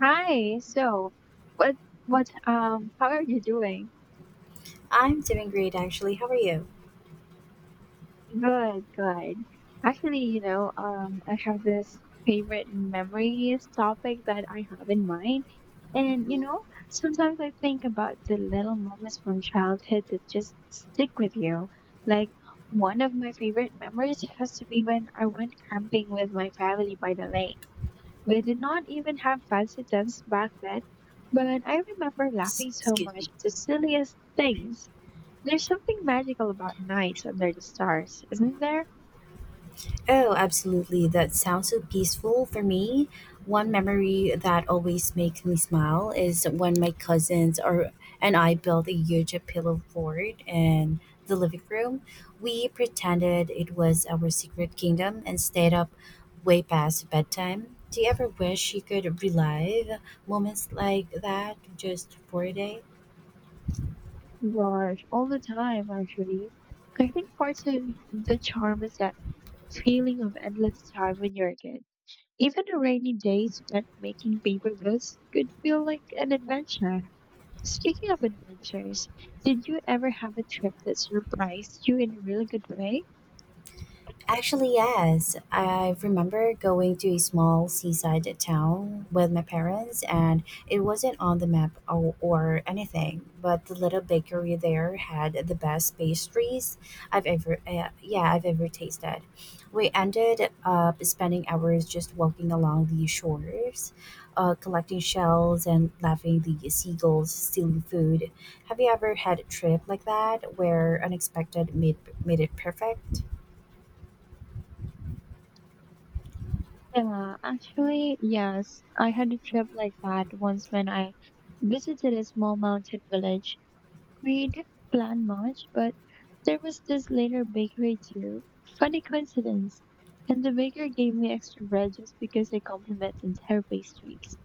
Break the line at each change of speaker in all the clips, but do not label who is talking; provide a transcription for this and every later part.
Hi. So, what what how are you doing?
I'm doing great actually. How are you?
Good, good. Actually, you know, I have this favorite memories topic that I have in mind. And you know, sometimes I think about the little moments from childhood that just stick with you. Like one of my favorite memories has to be when I went camping with my family by the lake. We did not even have fancy tents back then, but I remember laughing so
Excuse me.
much at the silliest things. There's something magical about nights under the stars, isn't there?
Oh, absolutely. That sounds so peaceful for me. One memory that always makes me smile is when my cousins or and I built a huge pillow fort in the living room. We pretended it was our secret kingdom and stayed up way past bedtime. Do you ever wish you could relive moments like that just for a day?
Gosh, all the time, actually. I think part of the charm is that feeling of endless time when you're a kid. Even a rainy day spent making paper boats could feel like an adventure. Speaking of adventures, did you ever have a trip that surprised you in a really good way?
Actually, yes. I remember going to a small seaside town with my parents, and it wasn't on the map or anything. But the little bakery there had the best pastries I've ever, I've ever tasted. We ended up spending hours just walking along the shores, collecting shells and laughing the seagulls stealing food. Have you ever had a trip like that where unexpected made it perfect?
Yeah, actually, yes. I had a trip like that once when I visited a small mountain village. We didn't plan much, but there was this later bakery too. Funny coincidence. And the baker gave me extra bread just because I complimented her pastries.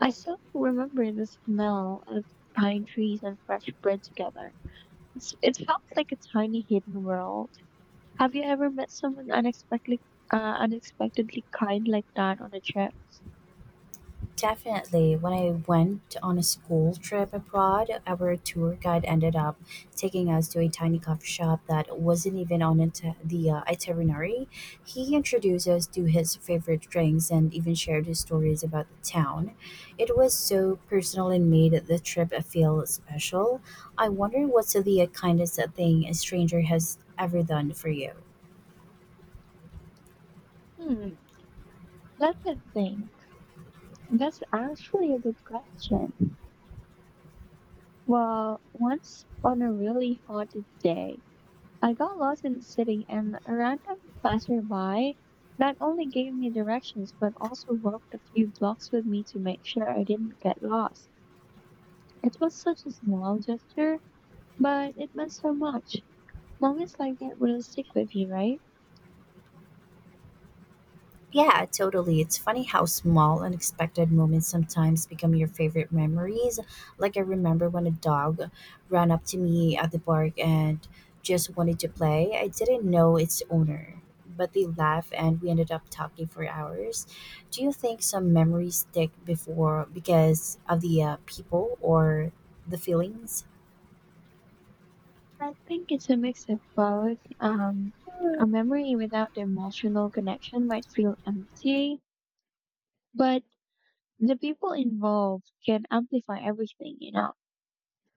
I still remember the smell of pine trees and fresh bread together. It felt like a tiny hidden world. Have you ever met someone unexpectedly, unexpectedly kind like that on a trip?
Definitely. When I went on a school trip abroad, our tour guide ended up taking us to a tiny coffee shop that wasn't even on the itinerary. He introduced us to his favorite drinks and even shared his stories about the town. It was so personal and made the trip feel special. I wonder what's the kindest thing a stranger has ever done for you.
Hmm, that's a thing. That's actually a good question. Well, once on a really hot day, I got lost in the city and a random passerby not only gave me directions but also walked a few blocks with me to make sure I didn't get lost. It was such a small gesture, but it meant so much. Moments like that really stick with you, right?
Yeah, totally. It's funny how small, unexpected moments sometimes become your favorite memories. I remember when a dog ran up to me at the park and just wanted to play. I didn't know its owner, but they laughed and we ended up talking for hours. Do you think some memories stick before because of the people or the feelings?
I think it's a mix of both. A memory without the emotional connection might feel empty, but the people involved can amplify everything, you know?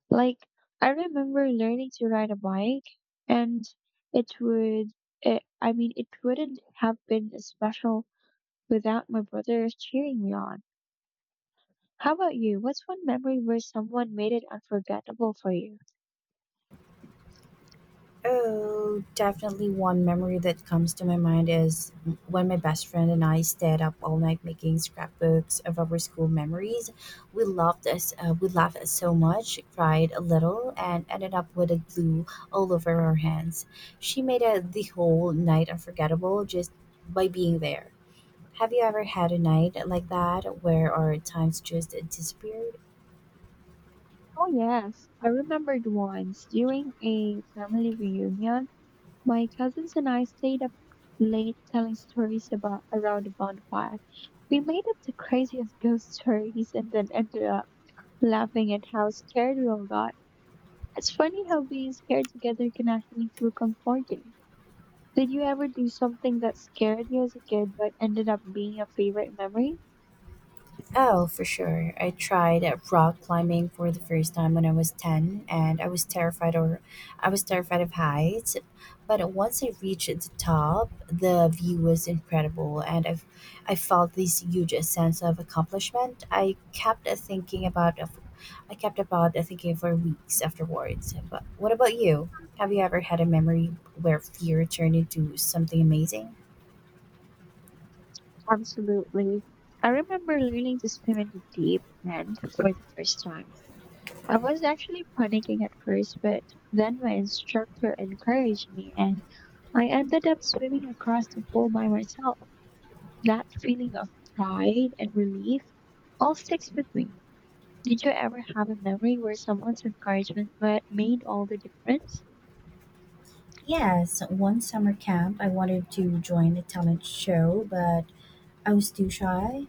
Like, I remember learning to ride a bike, and it would, it, I mean, it wouldn't have been as special without my brother cheering me on. How about you? What's one memory where someone made it unforgettable for you?
Oh, definitely one memory that comes to my mind is when my best friend and I stayed up all night making scrapbooks of our school memories. We loved us, we laughed so much, cried a little, and ended up with a glue all over our hands. She made the whole night unforgettable just by being there. Have you ever had a night like that where our times just disappeared?
Oh, yes. I remembered once during a family reunion. My cousins and I stayed up late telling stories about around the bonfire. We made up the craziest ghost stories and then ended up laughing at how scared we all got. It's funny how being scared together can actually feel comforting. Did you ever do something that scared you as a kid but ended up being a favorite memory?
Oh, for sure. I tried rock climbing for the first time when I was 10 and I was terrified, or I was terrified of heights. But once I reached the top, the view was incredible and I felt this huge sense of accomplishment. I kept thinking about I kept about thinking for weeks afterwards. But what about you? Have you ever had a memory where fear turned into something amazing?
Absolutely. I remember learning to swim in the deep end for the first time. I was actually panicking at first, but then my instructor encouraged me and I ended up swimming across the pool by myself. That feeling of pride and relief all sticks with me. Did you ever have a memory where someone's encouragement made all the difference?
Yes, one summer camp I wanted to join a talent show, but I was too shy.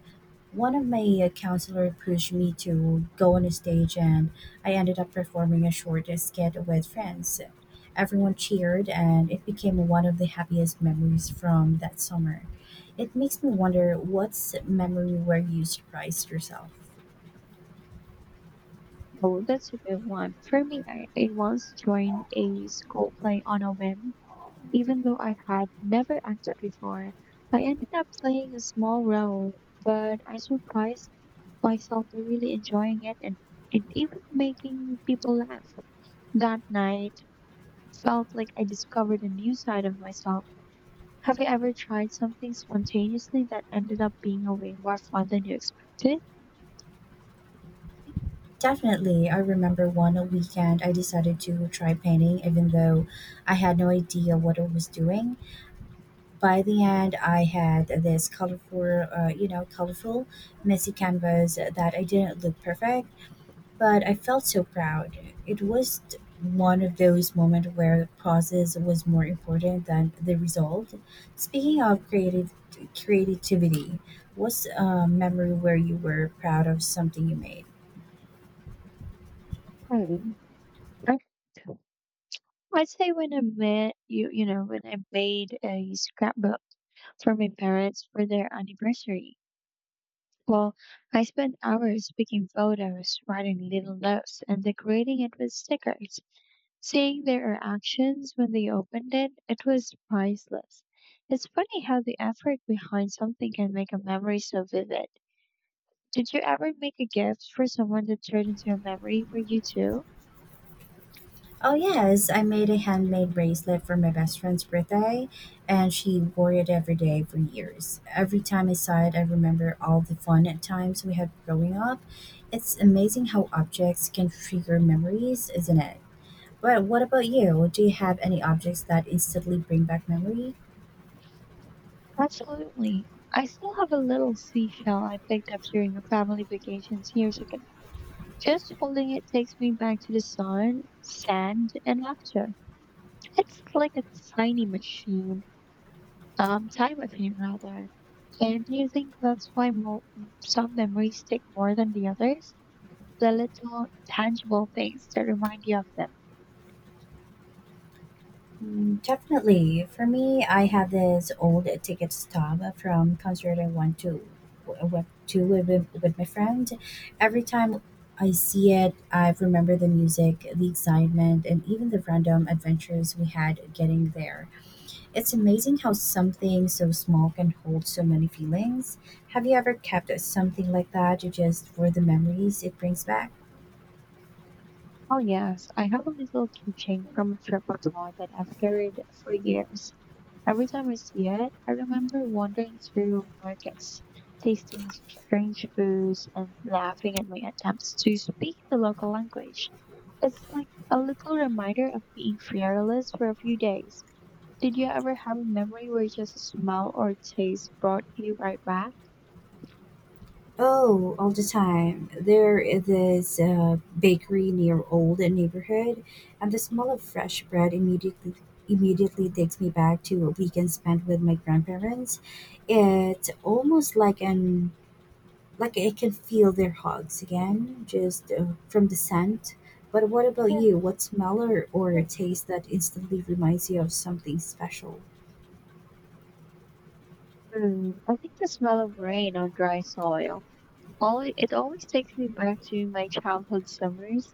One of my counselor pushed me to go on a stage, and I ended up performing a short skit with friends. Everyone cheered, and it became one of the happiest memories from that summer. It makes me wonder what's memory where you surprised yourself.
Oh, that's a good one. For me, I once joined a school play on a whim. Even though I had never acted before, I ended up playing a small role, but I surprised myself to really enjoying it and even making people laugh. That night felt like I discovered a new side of myself. Have you ever tried something spontaneously that ended up being a way more fun than you expected?
Definitely, I remember one weekend I decided to try painting, even though I had no idea what I was doing. By the end, I had this colorful, messy canvas that I didn't look perfect, but I felt so proud. It was one of those moments where the process was more important than the result. Speaking of creative creativity, what's a memory where you were proud of something you made?
Hmm. I I'd say when I met you, you know, when I made a scrapbook for my parents for their anniversary. Well, I spent hours picking photos, writing little notes, and decorating it with stickers. Seeing their reactions when they opened it, it was priceless. It's funny how the effort behind something can make a memory so vivid. Did you ever make a gift for someone that turned into a memory for you too?
Oh yes, I made a handmade bracelet for my best friend's birthday, and she wore it every day for years. Every time I saw it, I remember all the fun times we had growing up. It's amazing how objects can trigger memories, isn't it? But what about you? Do you have any objects that instantly bring back memories?
Absolutely. I still have a little seashell I picked up during a family vacations years ago. Just holding it takes me back to the sun, sand, and laughter. It's like a tiny machine, time machine rather. And do you think that's why some memories stick more than the others? The little tangible things that remind you of them.
Mm, definitely. For me, I have this old ticket stub from concert I went to with my friend. Every time I see it, I remember the music, the excitement, and even the random adventures we had getting there. It's amazing how something so small can hold so many feelings. Have you ever kept something like that just for the memories it brings back?
Oh yes, I have a little keychain from a trip abroad that I've carried for years. Every time I see it, I remember wandering through markets, tasting strange foods, and laughing at my attempts to speak the local language. It's like a little reminder of being fearless for a few days. Did you ever have a memory where just a smell or taste brought you right back?
Oh, all the time. There is this bakery near old neighborhood, and the smell of fresh bread immediately takes me back to a weekend spent with my grandparents. It's almost like an like I can feel their hugs again, just from the scent. But what about you? What smell or taste that instantly reminds you of something special?
Hmm, I think the smell of rain on dry soil. All it always takes me back to my childhood summers.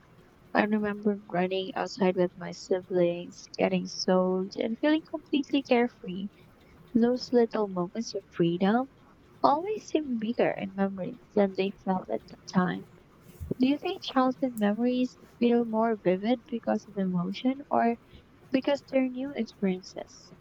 I remember running outside with my siblings, getting soaked, and feeling completely carefree. Those little moments of freedom always seem bigger in memories than they felt at the time. Do you think childhood memories feel more vivid because of emotion or because they're new experiences?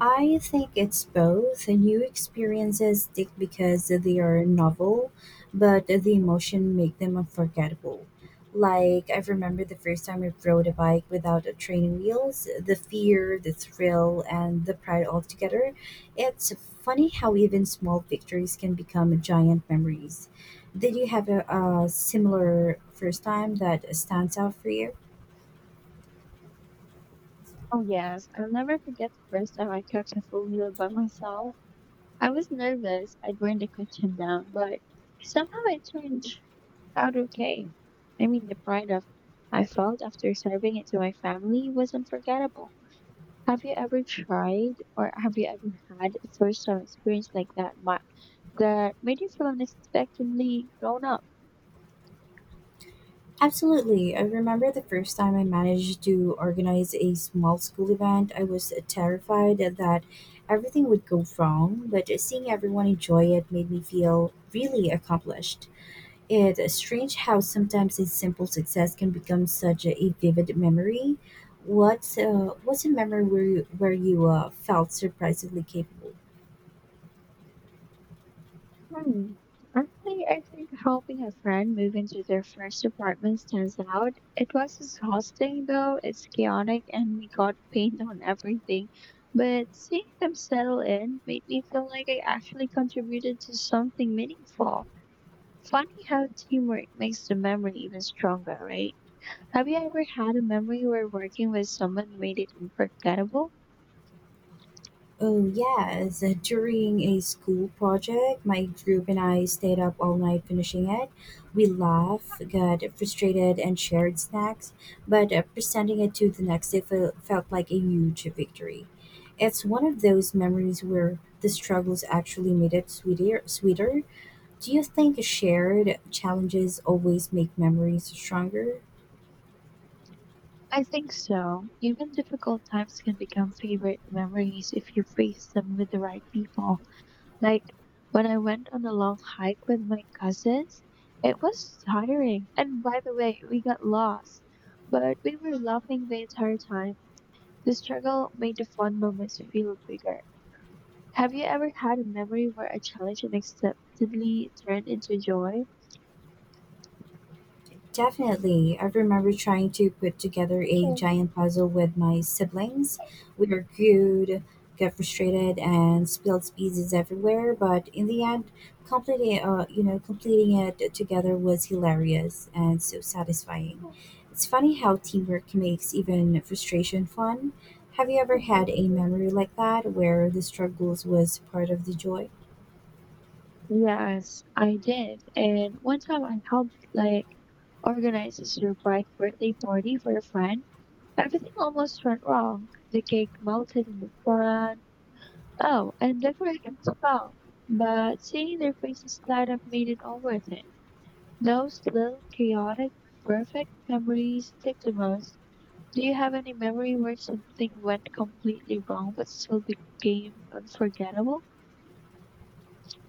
I think it's both. New experiences stick because they are novel, but the emotion make them unforgettable. Like I remember the first time I rode a bike without a training wheels, the fear, the thrill, and the pride all together. It's funny how even small victories can become giant memories. Did you have a similar first time that stands out for you?
Oh, yes. I'll never forget the first time I cooked a full meal by myself. I was nervous. I burned the kitchen down, but somehow it turned out okay. I mean, the pride of I felt after serving it to my family was unforgettable. Have you ever had a first time experience like that that made you feel unexpectedly grown up?
Absolutely. I remember the first time I managed to organize a small school event, I was terrified that everything would go wrong, but seeing everyone enjoy it made me feel really accomplished. It's strange how sometimes a simple success can become such a vivid memory. What's a memory where you felt surprisingly capable?
Hmm. Actually, I think helping a friend move into their first apartment stands out. It was exhausting though, it's chaotic and we got paint on everything. But seeing them settle in made me feel like I actually contributed to something meaningful. Funny how teamwork makes the memory even stronger, right? Have you ever had a memory where working with someone made it unforgettable?
Oh, yes. During a school project, my group and I stayed up all night finishing it. We laughed, got frustrated, and shared snacks, but presenting it to the next day felt like a huge victory. It's one of those memories where the struggles actually made it sweeter. Do you think shared challenges always make memories stronger?
I think so. Even difficult times can become favorite memories if you face them with the right people. Like when I went on a long hike with my cousins, it was tiring. And by the way, we got lost, but we were laughing the entire time. The struggle made the fun moments feel bigger. Have you ever had a memory where a challenge unexpectedly turned into joy?
Definitely. I remember trying to put together a giant puzzle with my siblings. We argued, got frustrated, and spilled pieces everywhere. But in the end, completing completing it together was hilarious and so satisfying. It's funny how teamwork makes even frustration fun. Have you ever had a memory like that where the struggles was part of the joy?
Yes, I did. And one time I helped like organize a surprise birthday party for a friend. Everything almost went wrong. The cake melted in the sun. Oh, and decorations fell. But seeing their faces light up made it all worth it. Those little chaotic, perfect memories stick the most. Do you have any memory where something went completely wrong but still became unforgettable?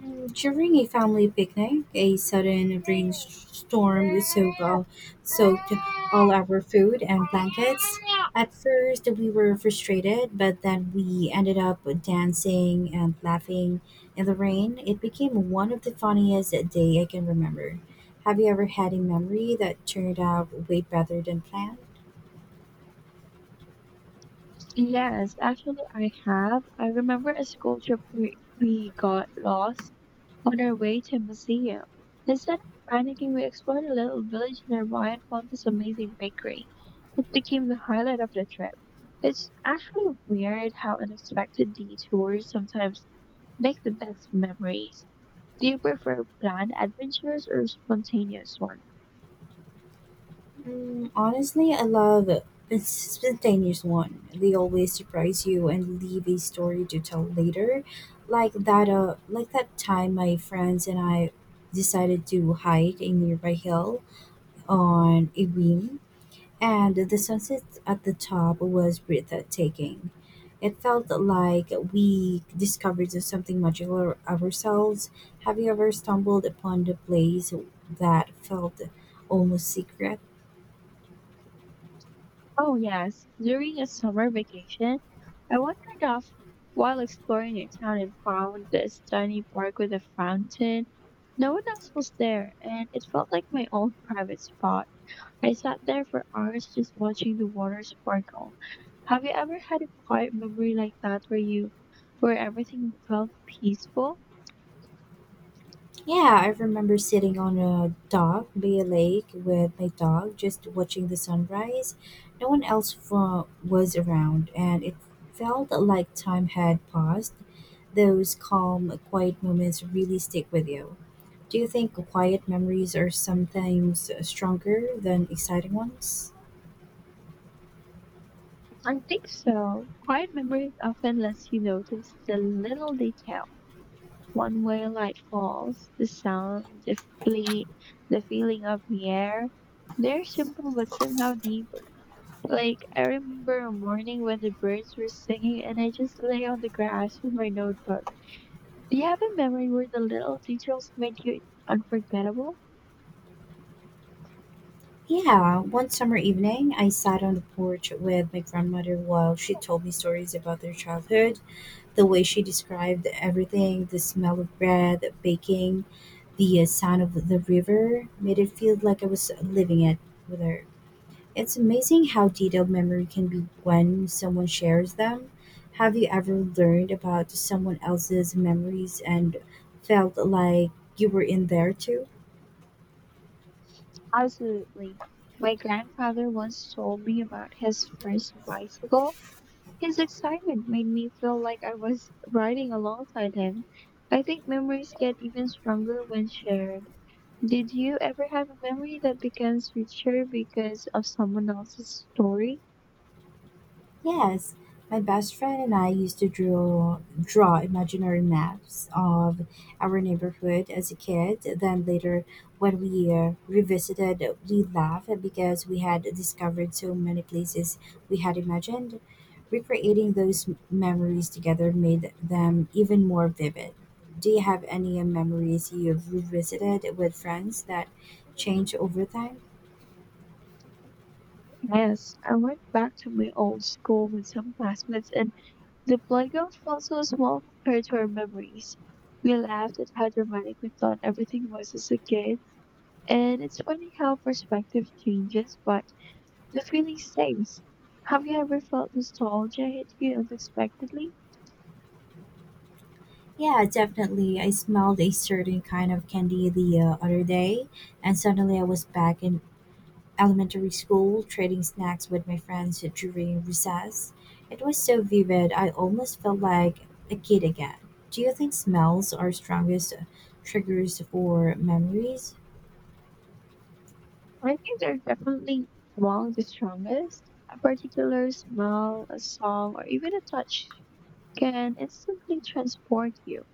Mm, during a family picnic, a sudden rainstorm soaked all our food and blankets. At first, we were frustrated, but then we ended up dancing and laughing in the rain. It became one of the funniest day I can remember. Have you ever had a memory that turned out way better than planned?
Yes, actually, I have. I remember a school trip we got lost on our way to a museum, instead of panicking, we explored a little village nearby and found this amazing bakery. It became the highlight of the trip. It's actually weird how unexpected detours sometimes make the best memories. Do you prefer planned adventures or spontaneous ones?
Mm, honestly, I love a spontaneous one. They always surprise you and leave a story to tell later, like that time my friends and I decided to hide a nearby hill on a whim, and the sunset at the top was breathtaking. It felt like we discovered something magical ourselves. Have you ever stumbled upon a place that felt almost secret?
Oh, yes. During a summer vacation, I wandered off while exploring a town and found this tiny park with a fountain. No one else was there, and it felt like my own private spot. I sat there for hours just watching the water sparkle. Have you ever had a quiet memory like that where you where everything felt peaceful?
Yeah, I remember sitting on a dock by a lake with my dog, just watching the sunrise. No one else was around, and it felt like time had paused. Those calm, quiet moments really stick with you. Do you think quiet memories are sometimes stronger than exciting ones?
I think so. Quiet memories often lets you notice the little details. One where light falls, the sound, fle- the feeling of the air. They're simple but somehow deeper. Like, I remember a morning when the birds were singing and I just lay on the grass with my notebook. Do you have a memory where the little details made you unforgettable?
Yeah, one summer evening, I sat on the porch with my grandmother while she told me stories about their childhood. The way she described everything, the smell of bread baking, the sound of the river, made it feel like I was living it with her. It's amazing how detailed memory can be when someone shares them. Have you ever learned about someone else's memories and felt like you were in there too?
Absolutely. My grandfather once told me about his first bicycle. His excitement made me feel like I was riding alongside him. I think memories get even stronger when shared. Did you ever have a memory that becomes richer because of someone else's story?
Yes, my best friend and I used to draw imaginary maps of our neighborhood as a kid. Then later, when we revisited, we laughed because we had discovered so many places we had imagined. Recreating those memories together made them even more vivid. Do you have any memories you've revisited with friends that change over time?
Yes, I went back to my old school with some classmates, and the playground felt so small compared to our memories. We laughed at how dramatic we thought everything was as a kid, and it's funny how perspective changes, but that really stays. Have you ever felt nostalgia hit you unexpectedly?
Yeah, definitely. I smelled a certain kind of candy the other day, and suddenly I was back in elementary school trading snacks with my friends during recess. It was so vivid, I almost felt like a kid again. Do you think smells are strongest triggers for memories?
I think they're definitely among the strongest. A particular smell, a song, or even a touch can instantly transport you.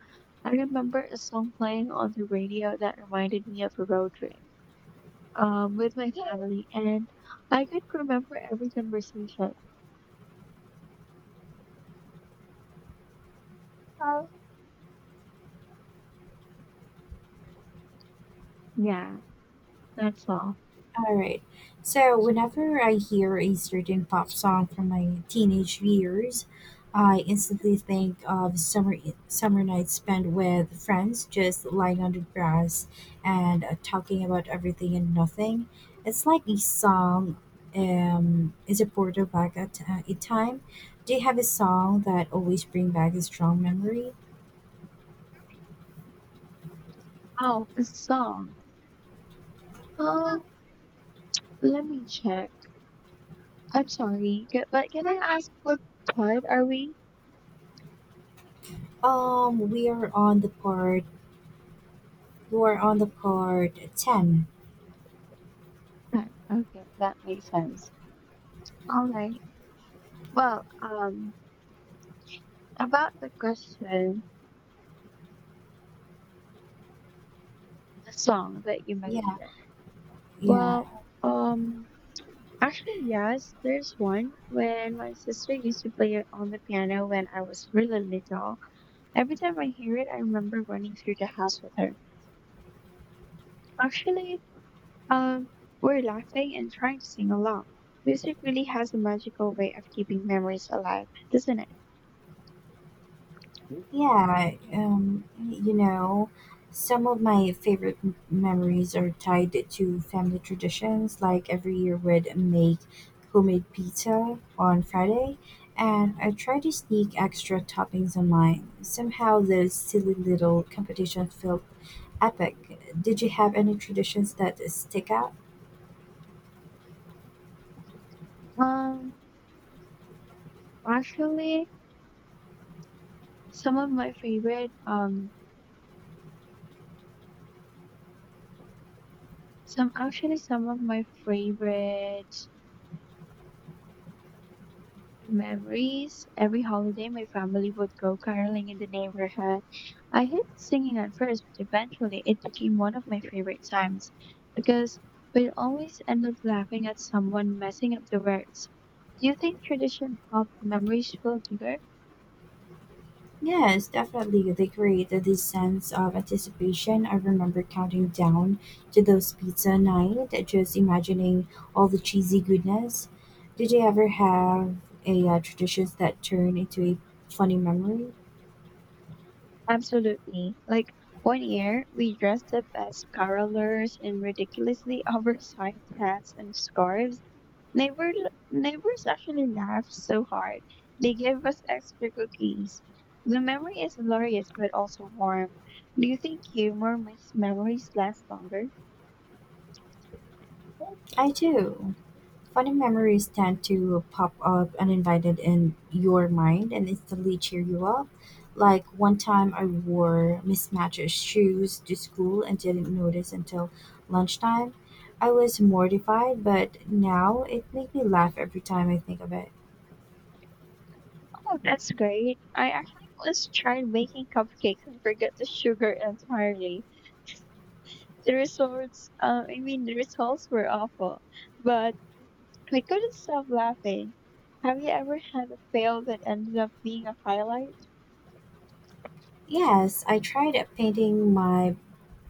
I remember a song playing on the radio that reminded me of a road trip with my family, and I could remember every conversation. Oh, yeah, that's all.
All right. So whenever I hear a certain pop song from my teenage years, I instantly think of summer nights spent with friends, just lying on the grass and talking about everything and nothing. It's like a song is a portal back at a time. Do you have a song that always bring back a strong memory?
Oh, a song. Oh, let me check. I'm sorry, but can I ask what part are we
We are on the part. We are on the part ten.
at? Okay, that makes sense. All right. Well, about the question, the song that you
Yeah,
mentioned.
yeah.
Well, um, actually, yes, there's one. When my sister used to play it on the piano when I was really little, every time I hear it, I remember running through the house with her. Actually, um, we're laughing and trying to sing along. Music really has a magical way of keeping memories alive, doesn't it?
Yeah, you know, some of my favorite memories are tied to family traditions. Like every year, would make homemade pizza on Friday, and I try to sneak extra toppings on mine. Somehow, those silly little competitions felt epic. Did you have any traditions that stick out?
Um, actually, some of my favorite, some of my favorite memories. Every holiday, my family would go caroling in the neighborhood. I hated singing at first, but eventually it became one of my favorite times because we'd always end up laughing at someone messing up the words. Do you think tradition of memories feel bigger?
Yes, definitely. They created this sense of anticipation. I remember counting down to those pizza night, just imagining all the cheesy goodness. Did you ever have a tradition that turned into a funny memory?
Absolutely. Like one year, we dressed up as carolers in ridiculously oversized hats and scarves. Neighbor, neighbors actually laughed so hard. They gave us extra cookies. The memory is glorious but also warm. Do you think humor makes memories last longer?
I do. Funny memories tend to pop up uninvited in your mind and instantly cheer you up. Like one time I wore mismatched shoes to school and didn't notice until lunchtime. I was mortified, but now it makes me laugh every time I think of it.
Oh, that's great. I actually once tried making cupcakes and forgot the sugar entirely. The results, the results were awful, but I couldn't stop laughing. Have you ever had a fail that ended up being a highlight?
Yes, I tried painting my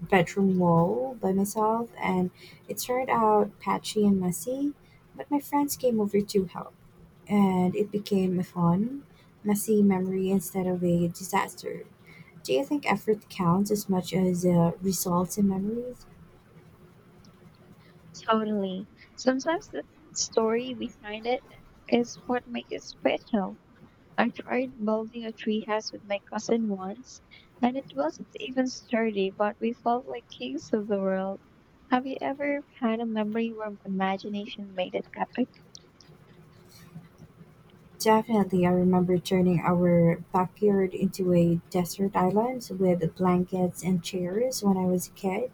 bedroom wall by myself and it turned out patchy and messy, but my friends came over to help, and it became a fun, messy memory instead of a disaster. Do you think effort counts as much as results in memories?
Totally. Sometimes the story behind it is what makes it special. I tried building a tree house with my cousin once, and it wasn't even sturdy, but we felt like kings of the world. Have you ever had a memory where imagination made it epic?
Definitely, I remember turning our backyard into a desert island with blankets and chairs when I was a kid.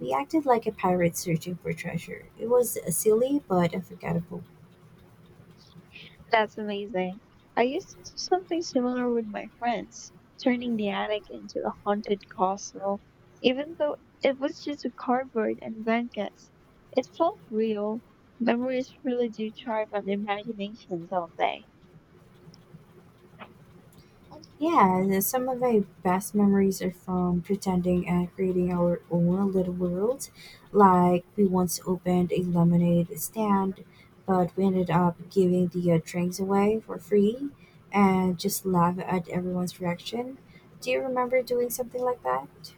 We acted like a pirate searching for treasure. It was silly but unforgettable.
That's amazing. I used to do something similar with my friends, turning the attic into a haunted castle, even though it was just a cardboard and blankets. It felt real. Memories really do charm my imagination, don't they?
Yeah, and some of my best memories are from pretending and creating our own little world. Like, we once opened a lemonade stand, but we ended up giving the drinks away for free and just laugh at everyone's reaction. Do you remember doing something like that?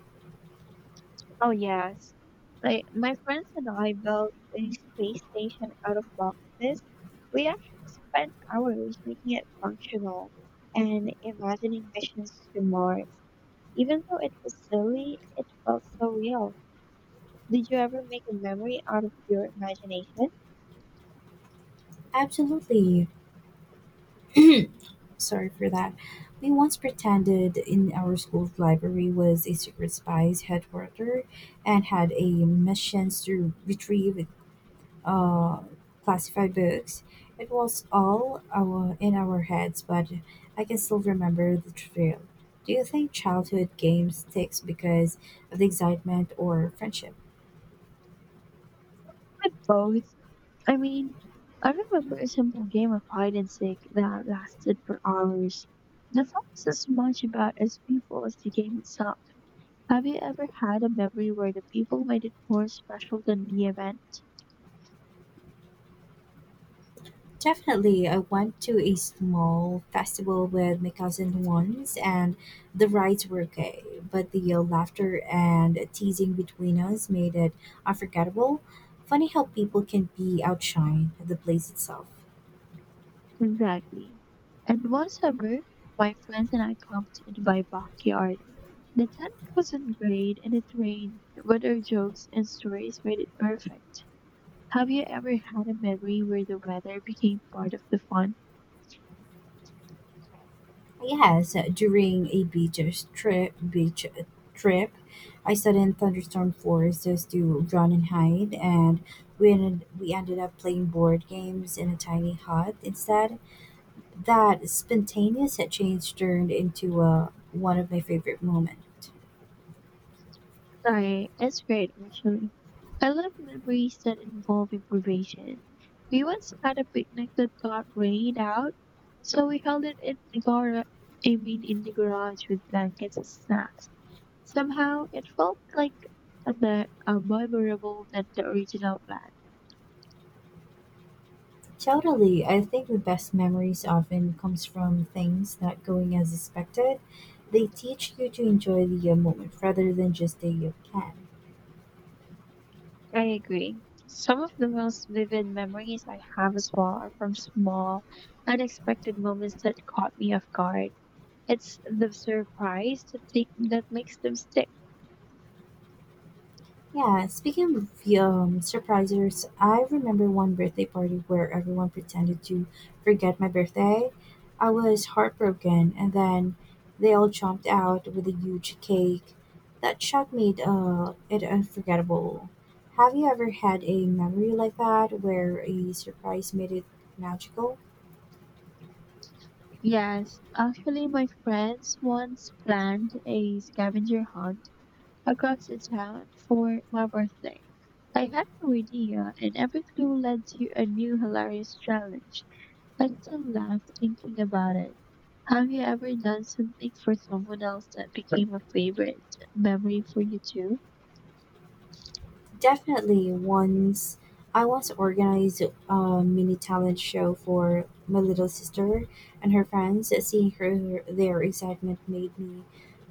Oh, yes. Like my friends and I built a space station out of boxes. We actually spent hours making it functional and imagining missions to Mars. Even though it was silly, it felt so real. Did you ever make a memory out of your imagination?
Absolutely. Sorry for that. We once pretended in our school's library was a secret spy's headquarters and had a mission to retrieve uh, classify books. It was all our in our heads, but I can still remember the thrill. Do you think childhood games sticks because of the excitement or friendship?
But both. I mean, I remember a simple game of hide and seek that lasted for hours. The fun was as much about as people as the game itself. Have you ever had a memory where the people made it more special than the event?
Definitely, I went to a small festival with my cousin once, and the rides were okay, but the yell, laughter and teasing between us made it unforgettable. Funny how people can be outshined at the place itself.
Exactly. And one summer, my friends and I camped in my backyard. The tent wasn't great and it rained, but our jokes and stories made it perfect. Have you ever had a memory where the weather became part of the fun?
Yes, during a beach trip, I sat in thunderstorm forest just to run and hide, and we ended up playing board games in a tiny hut instead. That spontaneous change turned into one of my favorite moments.
Right, it's great actually. I love memories that involve improvisation. We once had a picnic that got rained out, so we held it in the garage. I mean, in the garage with blankets and snacks. Somehow, it felt like the memorable than the original plan.
Totally, I think the best memories often comes from things not going as expected. They teach you to enjoy the moment rather than just the plan.
I agree. Some of the most vivid memories I have as well are from small, unexpected moments that caught me off guard. It's the surprise that makes them stick.
Yeah, speaking of surprises, I remember one birthday party where everyone pretended to forget my birthday. I was heartbroken, and then they all jumped out with a huge cake. That shot made it unforgettable. Have you ever had a memory like that where a surprise made it magical?
Yes, actually, my friends once planned a scavenger hunt across the town for my birthday. I had no idea, and every clue led to a new hilarious challenge. I still laugh thinking about it. Have you ever done something for someone else that became a favorite memory for you too?
Definitely. Once I once organized a mini talent show for my little sister and her friends. Seeing her their excitement made me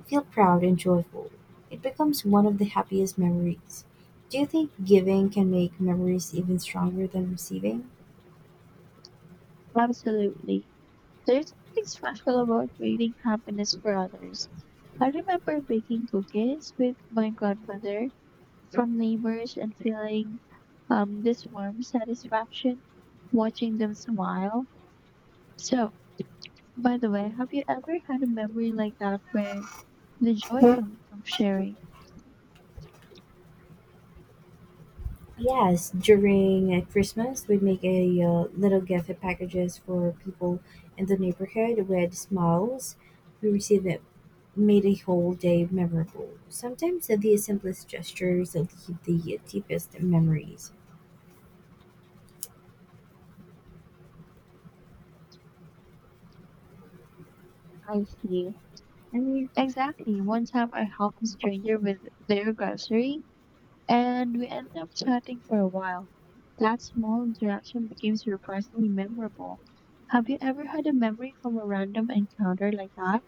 feel proud and joyful. It becomes one of the happiest memories. Do you think giving can make memories even stronger than receiving?
Absolutely. There's something special about creating happiness for others. I remember baking cookies with my grandmother from neighbors and feeling this warm satisfaction watching them smile. So, by the way, have you ever had a memory like that where the joy comes from sharing?
Yes, during Christmas, we make a little gift packages for people in the neighborhood with smiles. We receive made a whole day memorable. Sometimes the simplest gestures leave the deepest memories.
I see. I mean, exactly. One time I helped a stranger with their grocery and we ended up chatting for a while. That small interaction became surprisingly memorable. Have you ever had a memory from a random encounter like that?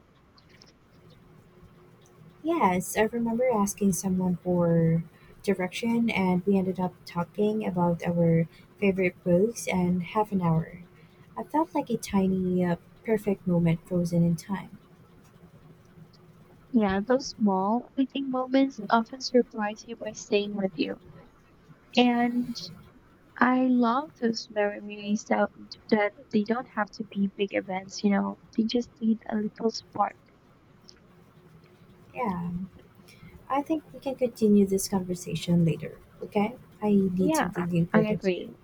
Yes, I remember asking someone for direction, and we ended up talking about our favorite books and half an hour. I felt like a perfect moment frozen in time.
Yeah, those small, fleeting moments often surprise you by staying with you. And I love those memories that they don't have to be big events, they just need a little spark.
Yeah, I think we can continue this conversation later, okay? I need
Yeah,
something
I
important to do.
agree.